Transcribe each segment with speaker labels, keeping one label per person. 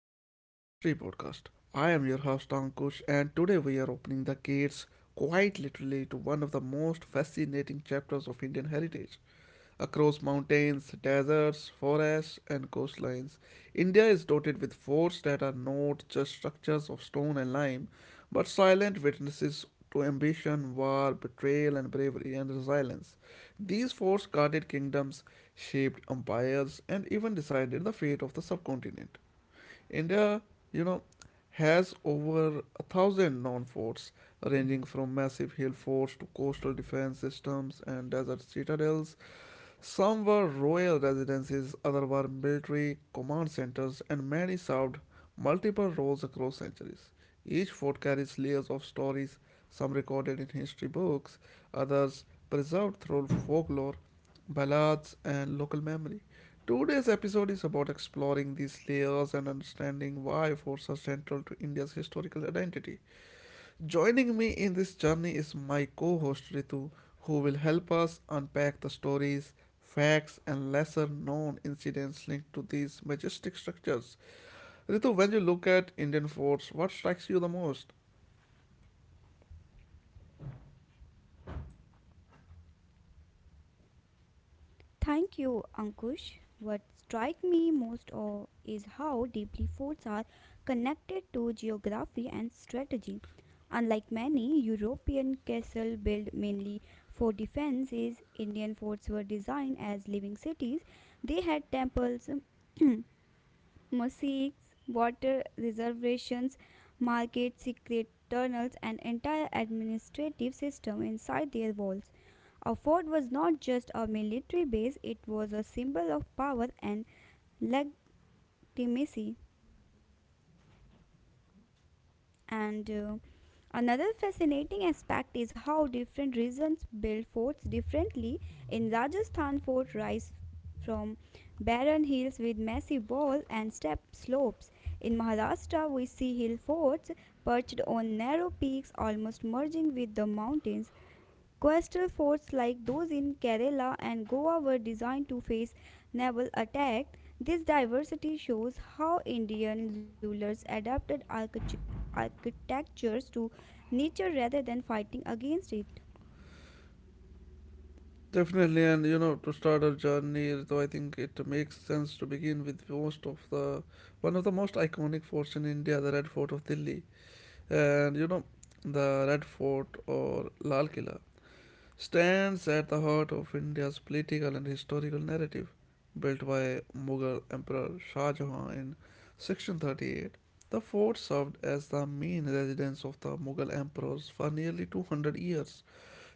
Speaker 1: of our history podcast. I am your host Ankush and today we are opening the gates, quite literally, to one of the most fascinating chapters of Indian heritage. Across mountains, deserts, forests and coastlines, India is dotted with forts that are not just structures of stone and lime, but silent witnesses to ambition, war, betrayal, and bravery and resilience. These forts guarded kingdoms, shaped empires, and even decided the fate of the subcontinent. India, you know, has over a thousand known forts, ranging from massive hill forts to coastal defense systems and desert citadels. Some were royal residences, others were military command centers, and many served multiple roles across centuries. Each fort carries layers of stories, some recorded in history books, others preserved through folklore, ballads, and local memory. Today's episode is about exploring these layers and understanding why forts are central to India's historical identity. Joining me in this journey is my co host Ritu, who will help us unpack the stories, facts, and lesser known incidents linked to these majestic structures. Ritu, when you look at Indian forts, what strikes you the most?
Speaker 2: Thank you, Ankush. What strikes me most of is how deeply forts are connected to geography and strategy. Unlike many European castles built mainly for defenses, Indian forts were designed as living cities. They had temples, mosaics, water reservations, market secret tunnels, and entire administrative system inside their walls. A fort was not just a military base, it was a symbol of power and legitimacy. And Another fascinating aspect is how different regions build forts differently. In Rajasthan, fort rise from barren hills with massive wall and step slopes. In Maharashtra, we see hill forts perched on narrow peaks almost merging with the mountains. Coastal forts like those in Kerala and Goa were designed to face naval attack. This diversity shows how Indian rulers adapted architectures to nature rather than fighting against it.
Speaker 1: Definitely, and you know, to start our journey, though, I think it makes sense to begin with most of the one of the most iconic forts in India, the Red Fort of Delhi. And you know, the Red Fort, or Lal Killa, stands at the heart of India's political and historical narrative. Built by Mughal Emperor Shah Jahan in 1638, the fort served as the main residence of the Mughal emperors for nearly 200 years.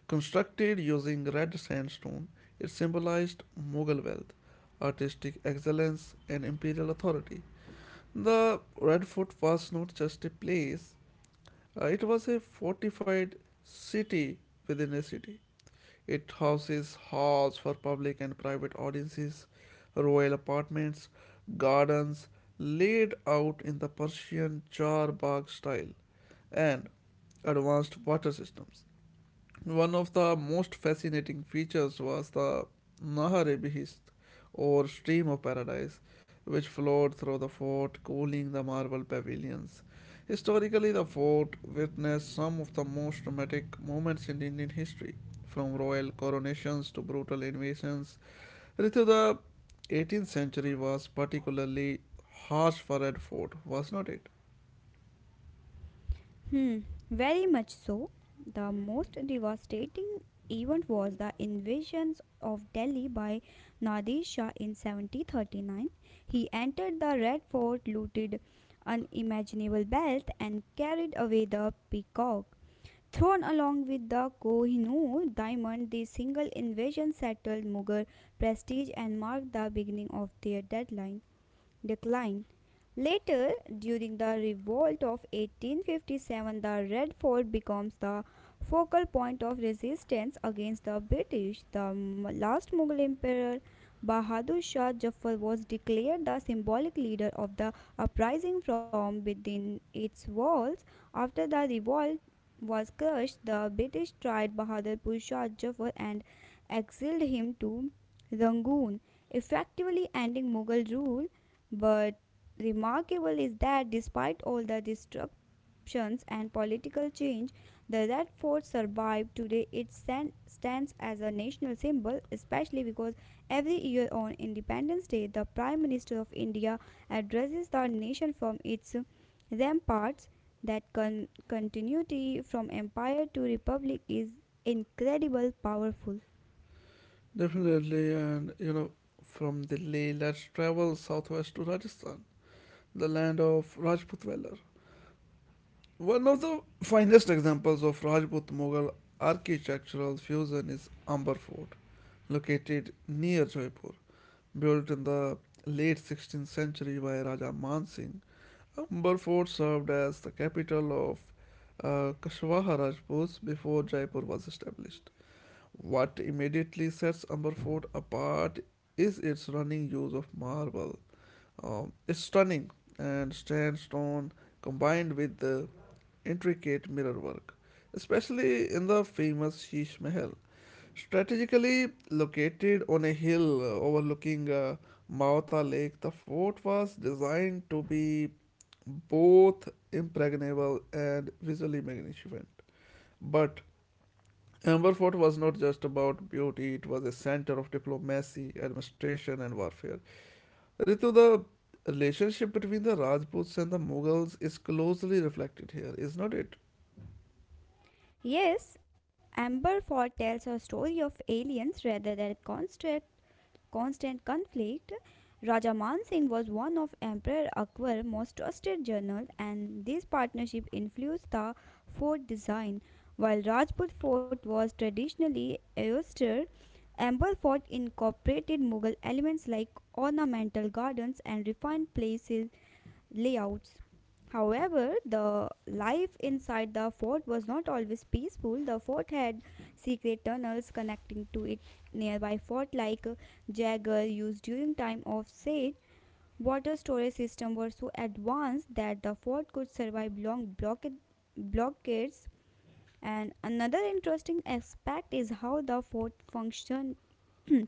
Speaker 1: Constructed using red sandstone, it symbolized Mughal wealth, artistic excellence, and imperial authority. The Red Fort was not just a place, it was a fortified city within a city. It houses halls for public and private audiences, royal apartments, gardens laid out in the Persian charbagh style, and advanced water systems. One of the most fascinating features was the Nahar e Behist, or Stream of Paradise, which flowed through the fort, cooling the marble pavilions. Historically, the fort witnessed some of the most dramatic moments in Indian history, from royal coronations to brutal invasions. Ritu, the 18th century was particularly harsh for Red Fort, was not it?
Speaker 2: Hmm, very much so. The most devastating event was the invasions of Delhi by Nadir Shah in 1739. He entered the Red Fort, looted unimaginable wealth, and carried away the peacock. Thrown along with the Kohinoor diamond, this single invasion settled Mughal prestige and marked the beginning of their deadline decline. Later, during the revolt of 1857, the Red Fort becomes the focal point of resistance against the British. The last Mughal emperor, Bahadur Shah Zafar, was declared the symbolic leader of the uprising from within its walls. After the revolt was crushed, the British tried Bahadurpur Shah Zafar and exiled him to Rangoon, effectively ending Mughal rule, but remarkable is that despite all the disruptions and political change, the Red Fort survived. Today it stands as a national symbol, especially because every year on Independence Day, the Prime Minister of India addresses the nation from its ramparts. That continuity from empire to republic is incredible powerful.
Speaker 1: Definitely, and you know, from Delhi, let's travel southwest to Rajasthan, the land of Rajput Valor. One of the finest examples of Rajput Mughal architectural fusion is Amber Fort, located near Jaipur. Built in the late 16th century by Raja Man Singh, Amber Fort served as the capital of Kashwaha Rajputs before Jaipur was established. What immediately sets Amber Fort apart is its running use of marble, it's stunning and stands stone combined with the intricate mirror work, especially in the famous Sheesh Mahal. Strategically located on a hill overlooking Mauta Lake, the fort was designed to be both impregnable and visually magnificent. But Amber Fort was not just about beauty, it was a center of diplomacy, administration, and warfare. Ritu, the relationship between the Rajputs and the Mughals is closely reflected here, is not it?
Speaker 2: Yes, Amber Fort tells a story of aliens rather than construct constant conflict. Raja Man Singh was one of Emperor Akbar's most trusted generals, and this partnership influenced the fort design. While Rajput fort was traditionally austere, Amber Fort incorporated Mughal elements like ornamental gardens and refined places layouts. However, the life inside the fort was not always peaceful. The fort had secret tunnels connecting to it nearby fort like Jagger used during time of siege. Water storage systems were so advanced that the fort could survive long blockades. And another interesting aspect is how the fort functioned.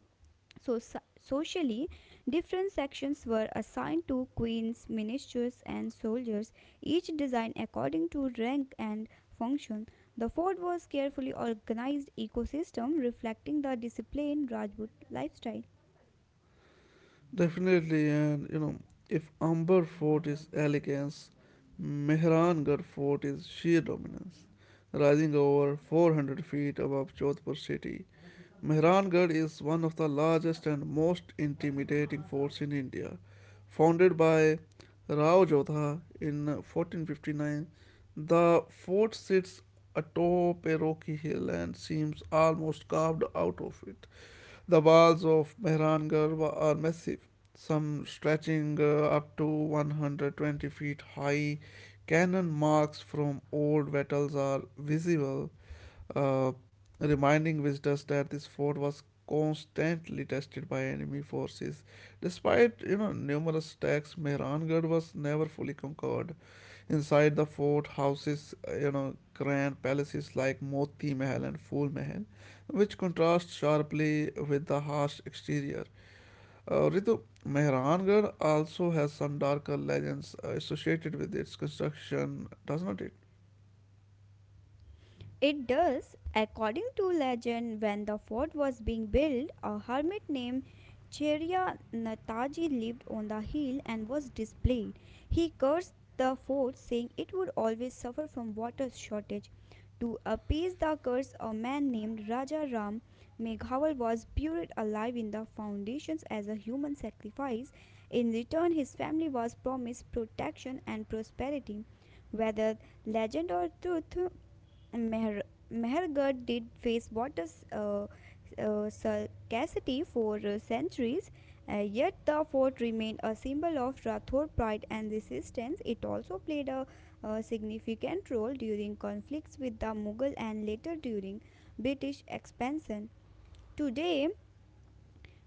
Speaker 2: Socially, different sections were assigned to queens, ministers, and soldiers, each designed according to rank and function. The fort was carefully organized ecosystem reflecting the disciplined Rajput lifestyle.
Speaker 1: Definitely, and you know, if Amber Fort is elegance, Mehrangarh Fort is sheer dominance. Rising over 400 feet above Jodhpur city, Mehrangarh is one of the largest and most intimidating forts in India. Founded by Rao Jodha in 1459, the fort sits atop a rocky hill and seems almost carved out of it. The walls of Mehrangarh are massive, some stretching up to 120 feet high. Cannon marks from old battles are visible, uh, reminding visitors that this fort was constantly tested by enemy forces. Despite, you know, numerous attacks, Mehrangarh was never fully conquered. Inside the fort houses, you know, grand palaces like Moti Mahal and Phul Mahal, which contrast sharply with the harsh exterior. Ritu, Mehrangarh also has some darker legends associated with its construction, does not it?
Speaker 2: It does. According to legend, when the fort was being built, a hermit named Cherya Nataji lived on the hill and was displaced. He cursed the fort, saying it would always suffer from water shortage. To appease the curse, a man named Raja Ram Meghawal was buried alive in the foundations as a human sacrifice. In return, his family was promised protection and prosperity. Whether legend or truth, Meher- Mehergarh did face water uh, scarcity for centuries, yet the fort remained a symbol of Rathore pride and resistance. It also played a, significant role during conflicts with the Mughal and later during British expansion. Today,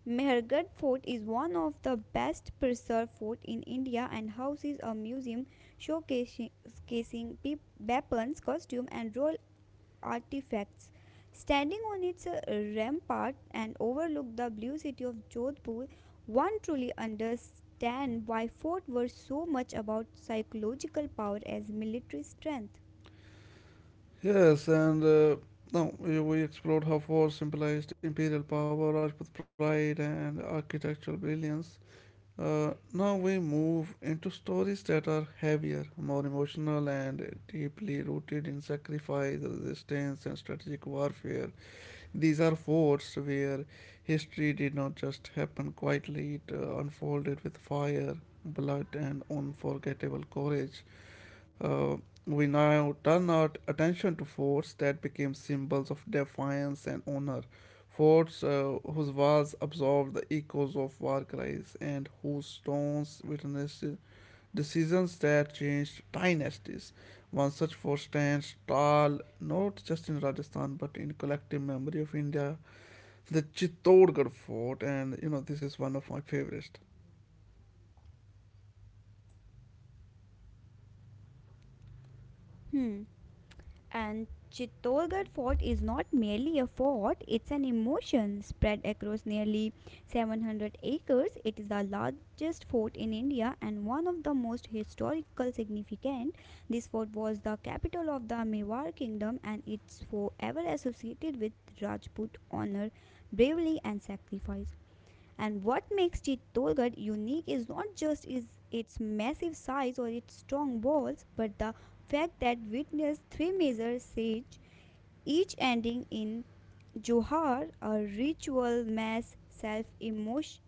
Speaker 2: Mehergarh Fort is one of the best preserved fort in India and houses a museum showcasing weapons, costume, and role artifacts. Standing on its rampart and overlook the blue city of Jodhpur, one truly understands why forts were so much about psychological power as military strength.
Speaker 1: Yes, and now we explored how forts symbolized imperial power, Rajput pride, and architectural brilliance. Now we move into stories that are heavier, more emotional, and deeply rooted in sacrifice, resistance, and strategic warfare. These are forts where history did not just happen quietly, it unfolded with fire, blood, and unforgettable courage. Uh, we now turn our attention to forts that became symbols of defiance and honor. Forts whose walls absorbed the echoes of war cries and whose stones witnessed decisions that changed dynasties. One such fort stands tall not just in Rajasthan but in collective memory of India, the Chittorgarh Fort, and you know, this is one of my favorites.
Speaker 2: Hmm. And Chittorgarh Fort is not merely a fort, it's an emotion. Spread across nearly 700 acres, it is the largest fort in India and one of the most historical significant. This fort was the capital of the Mewar kingdom and it's forever associated with Rajput honor, bravery and sacrifice. And what makes Chittorgarh unique is not just is its massive size or its strong walls, but the fact that witnessed three major sieges, each ending in Johar, a ritual mass self-immolations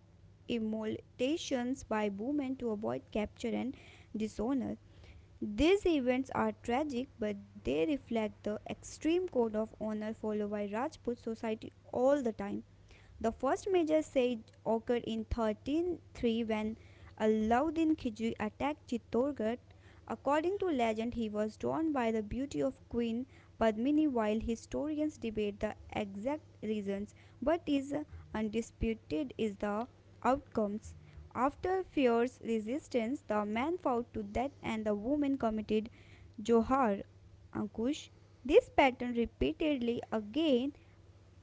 Speaker 2: by women to avoid capture and dishonor. These events are tragic, but they reflect the extreme code of honor followed by Rajput society all the time. The first major siege occurred in 1303 when Alauddin Khilji attacked Chittorgarh. According to legend, he was drawn by the beauty of Queen Padmini while historians debate the exact reasons, but is undisputed is the outcomes. After fierce resistance, the man fought to death and the woman committed Johar, Ankush. This pattern repeatedly again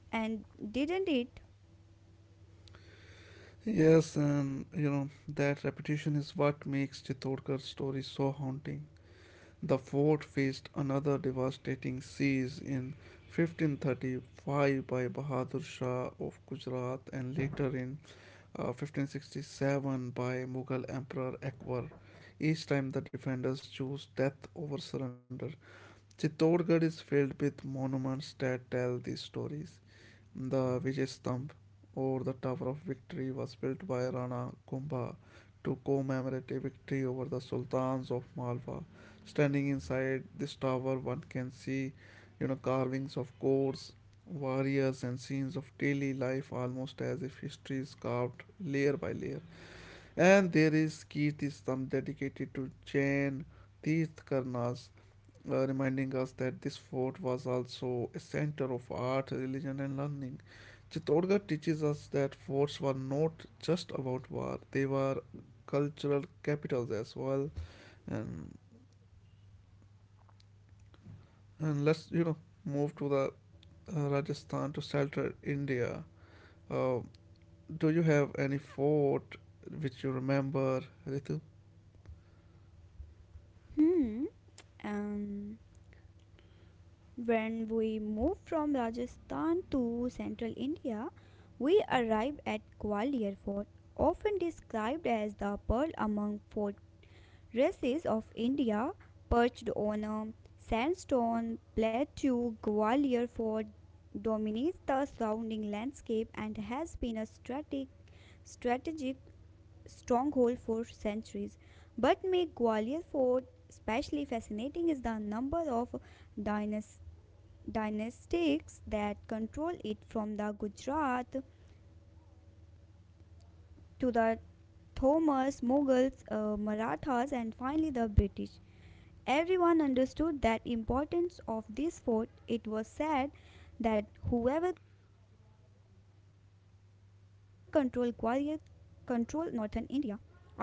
Speaker 2: and didn't it?
Speaker 1: Yes, and you know, that repetition is what makes Chittorgarh's story so haunting. The fort faced another devastating siege in 1535 by Bahadur Shah of Gujarat and later in 1567 by Mughal Emperor Akbar. Each time the defenders chose death over surrender. Chittorgarh is filled with monuments that tell these stories. The Vijay Stamp, or the Tower of Victory, was built by Rana Kumbha to commemorate a victory over the sultans of Malwa. Standing inside this tower, one can see, you know, carvings of courts, warriors, and scenes of daily life, almost as if history is carved layer by layer. And there is Kirti Stamp dedicated to Jain Tirthakarnas, reminding us that this fort was also a center of art, religion, and learning. Chittorgarh teaches us that forts were not just about war; they were cultural capitals as well. And and let's, you know, move to the Rajasthan to Central India. Uh, do you have any fort which you remember, Ritu?
Speaker 2: Hmm. Um, when we move from Rajasthan to central India, we arrive at Gwalior Fort, often described as the pearl among fort races of India, perched on a sandstone plateau. Gwalior Fort dominates the surrounding landscape and has been a strategic stronghold for centuries. What makes Gwalior Fort especially fascinating is the number of dynas- dynastics that control it, from the Gujarat to the Thomas, Mughals, Marathas, and finally the British. Everyone understood that importance of this fort. It was said that whoever controlled Gwalior controlled northern India. Our Arch-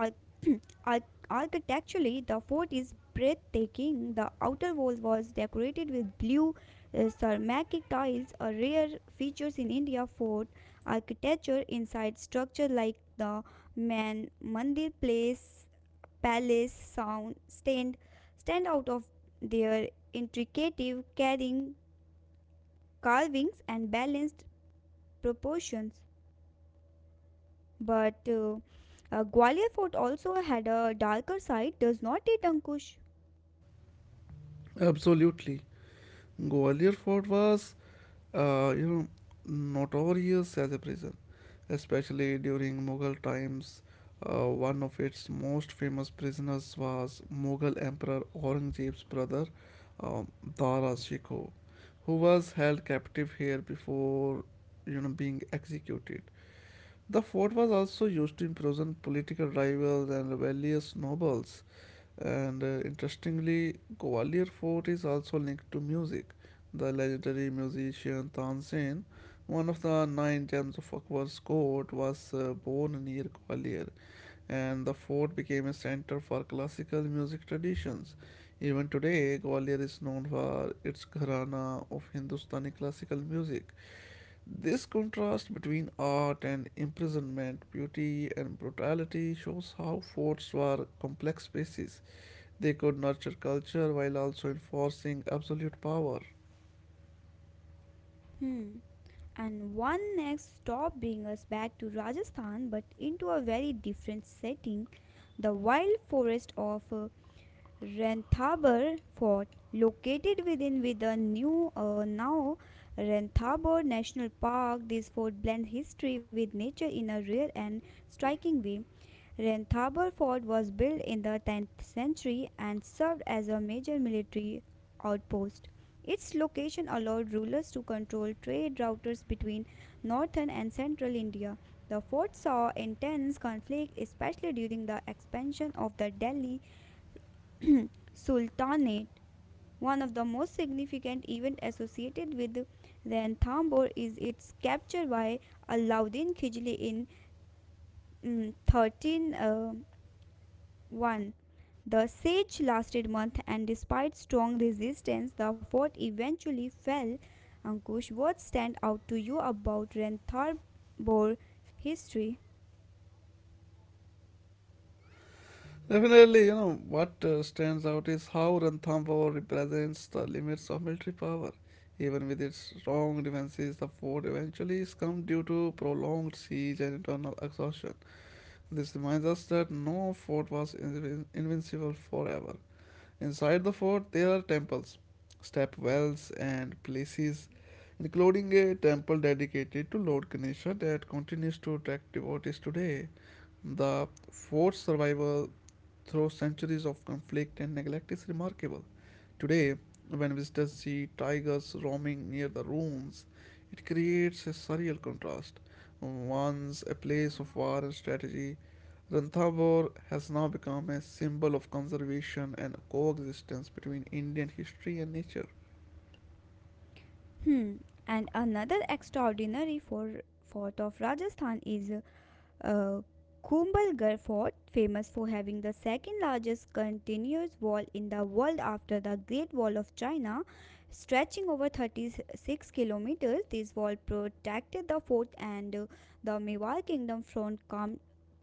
Speaker 2: architecturally, the fort is breathtaking. The outer wall was decorated with blue ceramic tiles, a rare feature in India fort architecture. Inside structure like the Man Mandir Place Palace sound stand out of their intricate carrying carvings and balanced proportions. But Gwalior Fort also had a darker side, does not it, Ankush?
Speaker 1: Absolutely, Gwalior Fort was, you know, notorious as a prison, especially during Mughal times. One of its most famous prisoners was Mughal Emperor Aurangzeb's brother, um, Dara Shikoh, who was held captive here before, you know, being executed. The fort was also used to imprison political rivals and rebellious nobles. And interestingly, Gwalior Fort is also linked to music. The legendary musician Tansen, one of the nine gems of Akbar's court, was born near Gwalior, and the fort became a center for classical music traditions. Even today, Gwalior is known for its gharana of Hindustani classical music. This contrast between art and imprisonment, beauty and brutality shows how forts were complex spaces. They could nurture culture while also enforcing absolute power.
Speaker 2: Hmm. And one next stop brings us back to Rajasthan but into a very different setting, the wild forest of Ranthambore Fort, located within with the new now Ranthambore National Park. This fort blends history with nature and striking way. Ranthambore Fort was built in the 10th century and served as a major military outpost. Its location allowed rulers to control trade routes between northern and central India. The fort saw intense conflict, especially during the expansion of the Delhi Sultanate. One of the most significant events associated with Ranthambore is its capture by Alauddin Khilji in 1301. The siege lasted months and despite strong resistance, the fort eventually fell. Ankush, what stand out to you about Ranthambore history?
Speaker 1: Definitely. You know, what stands out is how Ranthambore represents the limits of military power. Even with its strong defenses, the fort eventually succumbed due to prolonged siege and internal exhaustion. This reminds us that no fort was invincible forever. Inside the fort, there are temples, step wells, and places, including a temple dedicated to Lord Ganesha that continues to attract devotees today. The fort's survival through centuries of conflict and neglect is remarkable. Today, when visitors see tigers roaming near the ruins, it creates a surreal contrast. Once a place of war and strategy, Ranthambore has now become a symbol of conservation and coexistence between Indian history and nature.
Speaker 2: Hmm. And another extraordinary fort of Rajasthan is Uh, Kumbalgarh Fort, famous for having the second largest continuous wall in the world after the Great Wall of China, stretching over 36 kilometers. This wall protected the fort and the Mewar kingdom from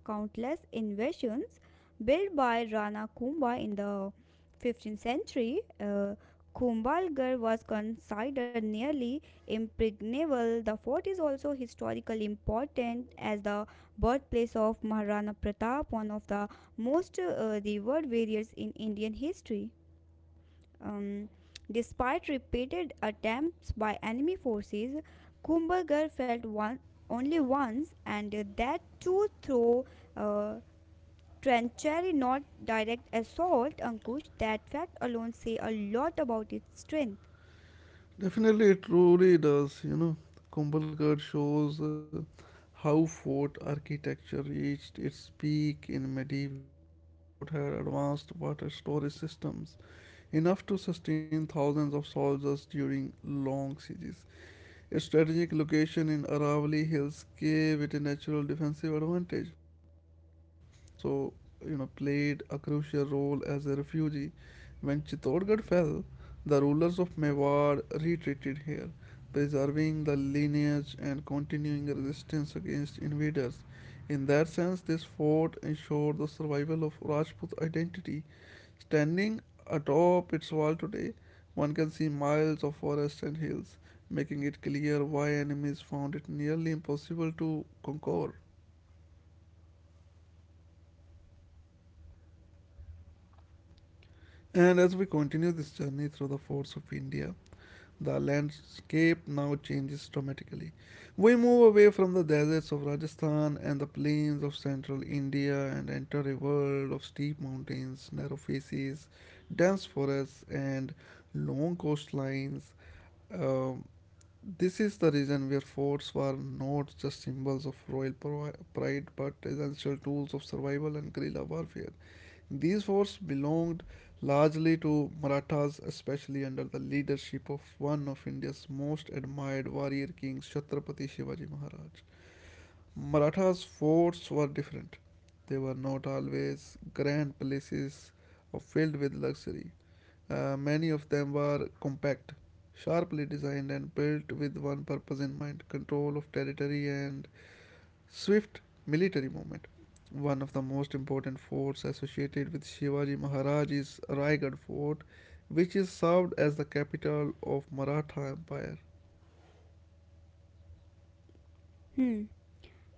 Speaker 2: countless invasions. Built by Rana Kumbha in the 15th century, Kumbalgarh was considered nearly impregnable. The fort is also historically important as the birthplace of Maharana Pratap, one of the most revered warriors in Indian history. Um, despite repeated attempts by enemy forces, Kumbhagar only once, and that too through uh, trenchary, not direct assault. Ankush, that fact alone say a lot about its strength.
Speaker 1: Definitely, it truly does. You know, Kumbhalgarh shows, how fort architecture reached its peak in medieval India. The fort had advanced water storage systems enough to sustain thousands of soldiers during long sieges. A strategic location in Aravalli Hills gave it a natural defensive advantage. Kumbhalgarh is also, you know, played a crucial role as a refugee. When Chittorgarh fell, the rulers of Mewar retreated here, preserving the lineage and continuing resistance against invaders. In that sense, this fort ensured the survival of Rajput identity. Standing atop its wall today, one can see miles of forest and hills, making it clear why enemies found it nearly impossible to conquer. And as we continue this journey through the forts of India, the landscape now changes dramatically. We move away from the deserts of Rajasthan and the plains of central India and enter a world of steep mountains, narrow faces, dense forests, and long coastlines. Um, This is the reason where forts were not just symbols of royal pride but essential tools of survival and guerrilla warfare. These forts belonged largely to Marathas, especially under the leadership of one of India's most admired warrior kings, Chhatrapati Shivaji Maharaj. Marathas' forts were different. They were not always grand palaces or filled with luxury. Many of them were compact, sharply designed, and built with one purpose in mind: control of territory and swift military movement. One of the most important forts associated with Shivaji Maharaj is Raigad Fort, which is served as the capital of Maratha Empire.
Speaker 2: Hmm.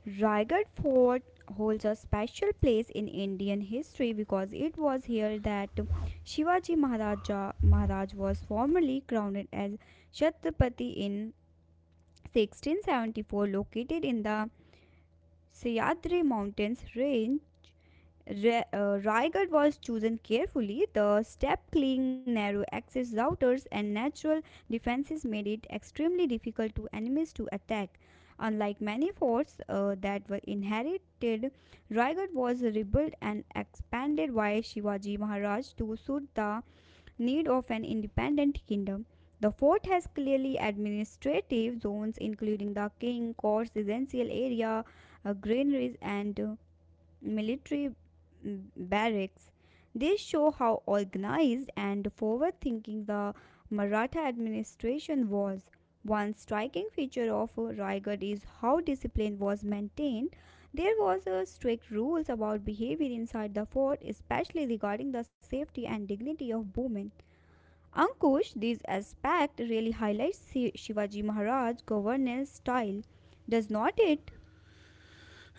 Speaker 2: Raigad Fort holds a special place in Indian history because it was here that Maharaj was formally crowned as Chhatrapati in 1674, located in the Sahyadri Mountains range. Raigad was chosen carefully. The step clean, narrow access routers, and natural defenses made it extremely difficult to enemies to attack. Unlike many forts that were inherited, Raigad was rebuilt and expanded by Shivaji Maharaj to suit the need of an independent kingdom. The fort has clearly administrative zones including the king, courts, residential area, granaries, and military barracks. They show how organized and forward thinking the Maratha administration was. One striking feature of Raigad is how discipline was maintained. There was a strict rules about behavior inside the fort, especially regarding the safety and dignity of women. Ankush, this aspect really highlights Shivaji Maharaj's governance style. Does not it?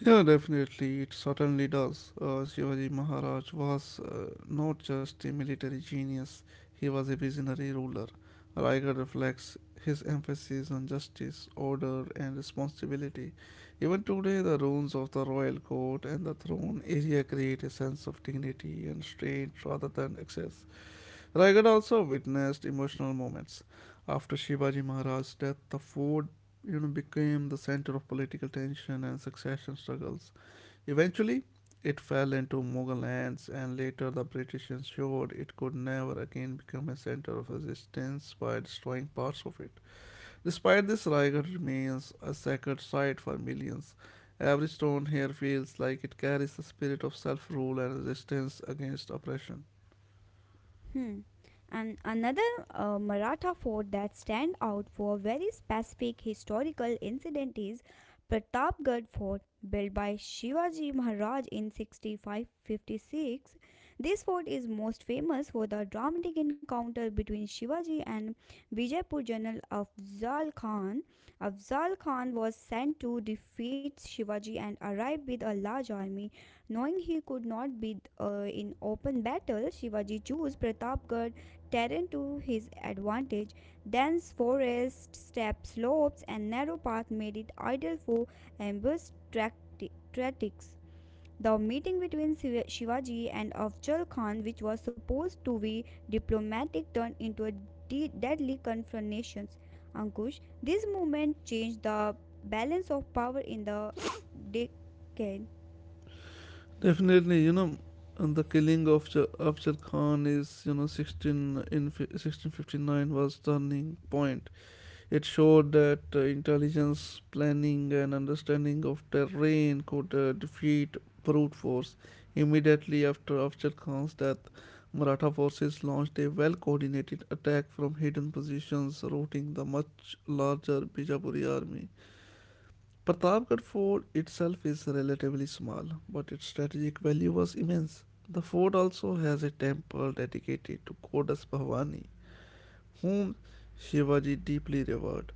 Speaker 1: Yeah, definitely, it certainly does. Shivaji Maharaj was, not just a military genius, he was a visionary ruler. Raigarh reflects his emphasis on justice, order, and responsibility. Even today, the ruins of the royal court and the throne area create a sense of dignity and restraint rather than excess. Raigarh also witnessed emotional moments. After Shivaji Maharaj's death, the fort, you know, became the center of political tension and succession struggles. Eventually, it fell into Mughal hands, and later the British ensured it could never again become a center of resistance by destroying parts of it. Despite this, Raigad remains a sacred site for millions. Every stone here feels like it carries the spirit of self rule and resistance against oppression.
Speaker 2: Hmm. And another Maratha fort that stand out for very specific historical incident is Pratapgarh Fort, built by Shivaji Maharaj in 6556. This fort is most famous for the dramatic encounter between Shivaji and Bijapur general Afzal Khan. Afzal Khan was sent to defeat Shivaji and arrived with a large army. Knowing he could not be in open battle, Shivaji chose Pratapgarh terrain to his advantage. Dense forests, steep slopes, and narrow paths made it ideal for ambush tactics. The meeting between Shivaji and Afzal Khan, which was supposed to be diplomatic, turned into a deadly confrontation. Ankush, this movement changed the balance of power in the decade.
Speaker 1: Definitely, and the killing of Afzal Khan is, you know, 16 in 1659 was turning point. It showed that intelligence, planning, and understanding of terrain could defeat brute force. Immediately after Afzal Khan's death, Maratha forces launched a well coordinated attack from hidden positions, routing the much larger Bijapuri army. Pratapgarh fort itself is relatively small, but its strategic value was immense. The fort also has a temple dedicated to Goddess Bhavani, whom Shivaji deeply revered.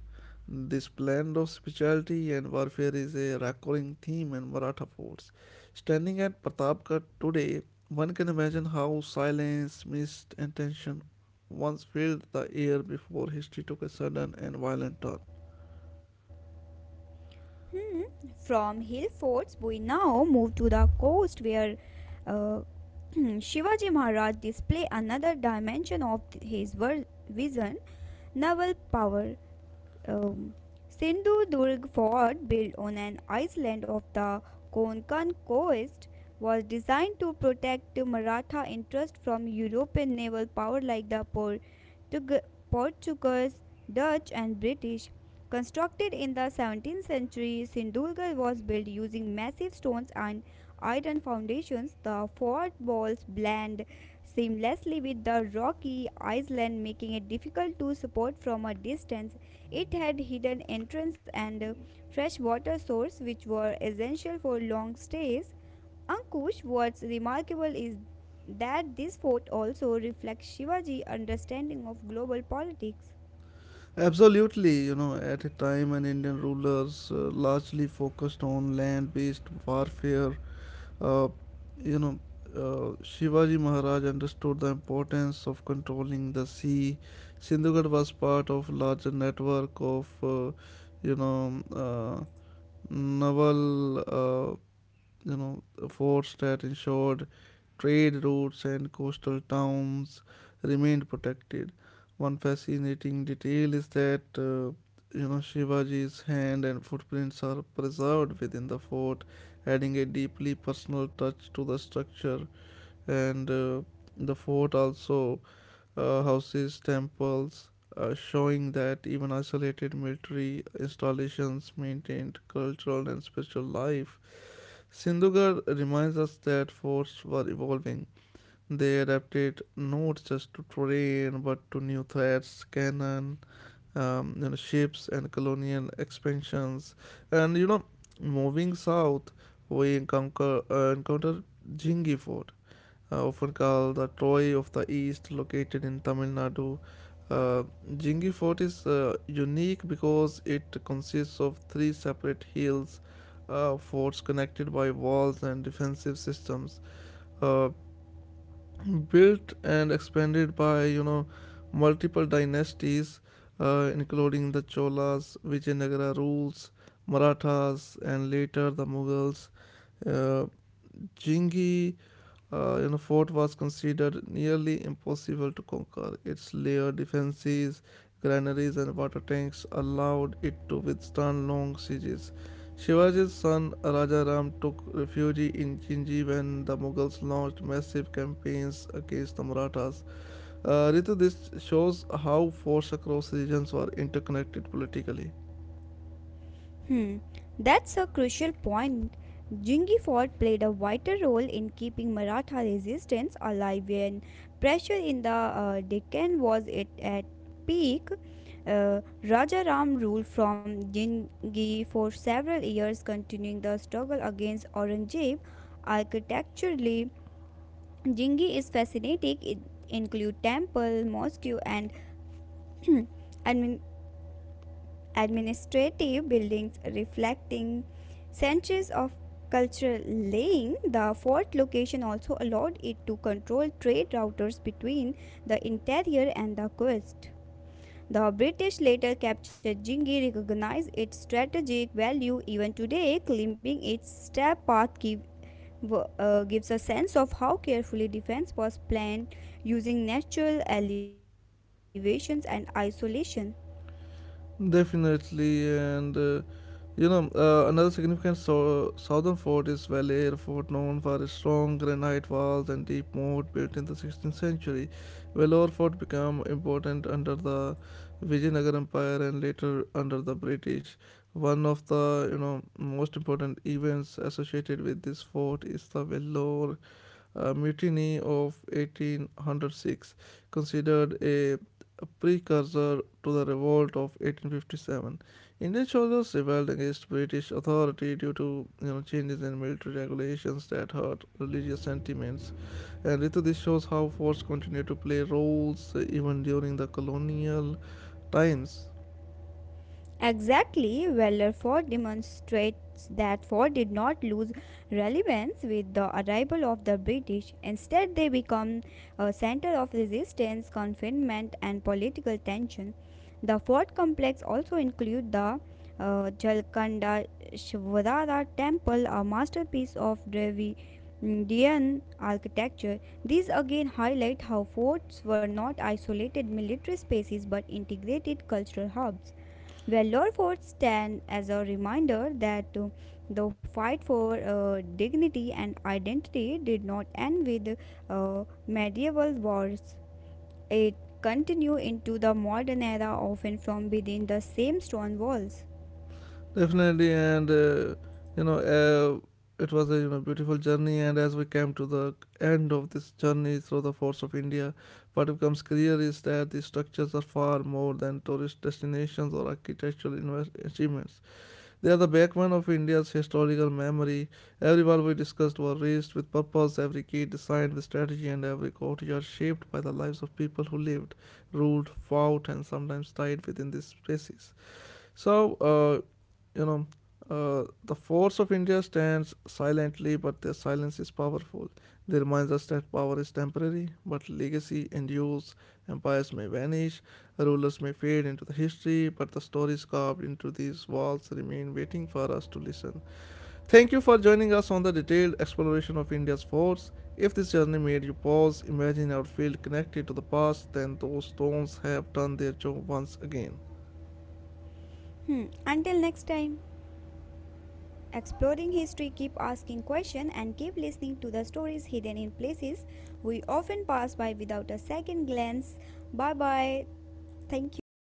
Speaker 1: This blend of spirituality and warfare is a recurring theme in Maratha forts. Standing at Pratapgarh today, one can imagine how silence, mist, and tension once filled the air before history took a sudden and violent turn.
Speaker 2: Hmm. From hill forts, we now move to the coast where uh, Shivaji Maharaj display another dimension of his vision, naval power. Um, Sindhudurg fort, built on an island of the Konkan coast, was designed to protect Maratha interest from European naval power like the Portuguese, Dutch, and British. Constructed in the 17th century, Sindhudurg was built using massive stones and iron foundations. The fort walls blend seamlessly with the rocky island, making it difficult to support from a distance. It had hidden entrance and fresh water source which were essential for long stays. Ankush, what's remarkable is that this fort also reflects Shivaji's understanding of global politics.
Speaker 1: Absolutely, at a time when Indian rulers largely focused on land based warfare, Uh, you know, Shivaji Maharaj understood the importance of controlling the sea. Sindhugarh was part of larger network of, you know, uh, naval you know, forts that ensured trade routes and coastal towns remained protected. One fascinating detail is that Shivaji's hand and footprints are preserved within the fort, adding a deeply personal touch to the structure. And the fort also houses temples, showing that even isolated military installations maintained cultural and spiritual life. Sindhugar reminds us that forts were evolving. They adapted not just to terrain but to new threats, cannon, ships, and colonial expansions. And you know, moving south, we encounter Jingi Fort, often called the Troy of the East, located in Tamil Nadu. Uh, Jingi Fort is unique because it consists of three separate hills forts connected by walls and defensive systems, uh, built and expanded by multiple dynasties, including the Cholas, Vijayanagara rules, Marathas, and later the Mughals. Uh, Jingi Fort was considered nearly impossible to conquer. Its layered defenses, granaries, and water tanks allowed it to withstand long sieges. Shivaji's son Rajaram took refuge in Chinji when the Mughals launched massive campaigns against the Marathas. Ritu, this shows how forces across regions were interconnected politically.
Speaker 2: Hmm, that's a crucial point. Jingi fort played a vital role in keeping Maratha resistance alive when pressure in the Deccan was it at peak. Raja Ram ruled from Jingi for several years, continuing the struggle against Aurangzeb. Architecturally, Jingi is fascinating. It include temple, mosque, and admin- administrative buildings reflecting centuries of cultural laying. The fort location also allowed it to control trade routers between the interior and the coast. The British later captured Jingi recognized its strategic value. Even today, climbing its step path gives a sense of how carefully defense was planned using natural elevations and isolation.
Speaker 1: Definitely, another significant southern fort is Valle Fort, known for its strong granite walls and deep moat built in the 16th century. Vellore Fort became important under the Vijayanagar Empire and later under the British. One of the most important events associated with this fort is the Vellore mutiny of 1806, considered a precursor to the revolt of 1857. Indian soldiers rebelled against British authority due to changes in military regulations that hurt religious sentiments. And Ritu, this shows how force continued to play roles even during the colonial times.
Speaker 2: Exactly, Weller Ford demonstrates that Ford did not lose relevance with the arrival of the British. Instead, they become a center of resistance, confinement, and political tension. The Ford complex also includes the Jalkanda Temple, a masterpiece of Dravidian architecture. These again highlight how forts were not isolated military spaces but integrated cultural hubs. Valor Fort stand as a reminder that the fight for dignity and identity did not end with medieval wars. It continued into the modern era, often from within the same stone walls.
Speaker 1: Definitely, you know, it was a beautiful journey. And as we came to the end of this journey through the forts of India, what becomes clear is that these structures are far more than tourist destinations or architectural achievements. They are the backbone of India's historical memory. Every wall we discussed was raised with purpose. Every gate designed with strategy, and every courtyard shaped by the lives of people who lived, ruled, fought, and sometimes died within these spaces. So, uh, you know, the force of India stands silently, but their silence is powerful. They remind us that power is temporary, but legacy endures. Empires may vanish, rulers may fade into the history, but the stories carved into these walls remain waiting for us to listen. Thank you for joining us on the detailed exploration of India's force. If this journey made you pause, imagine our field connected to the past, then those stones have done their job once again.
Speaker 2: Hmm. Until next time, exploring history, keep asking questions and keep listening to the stories hidden in places we often pass by without a second glance. Bye bye. Thank you.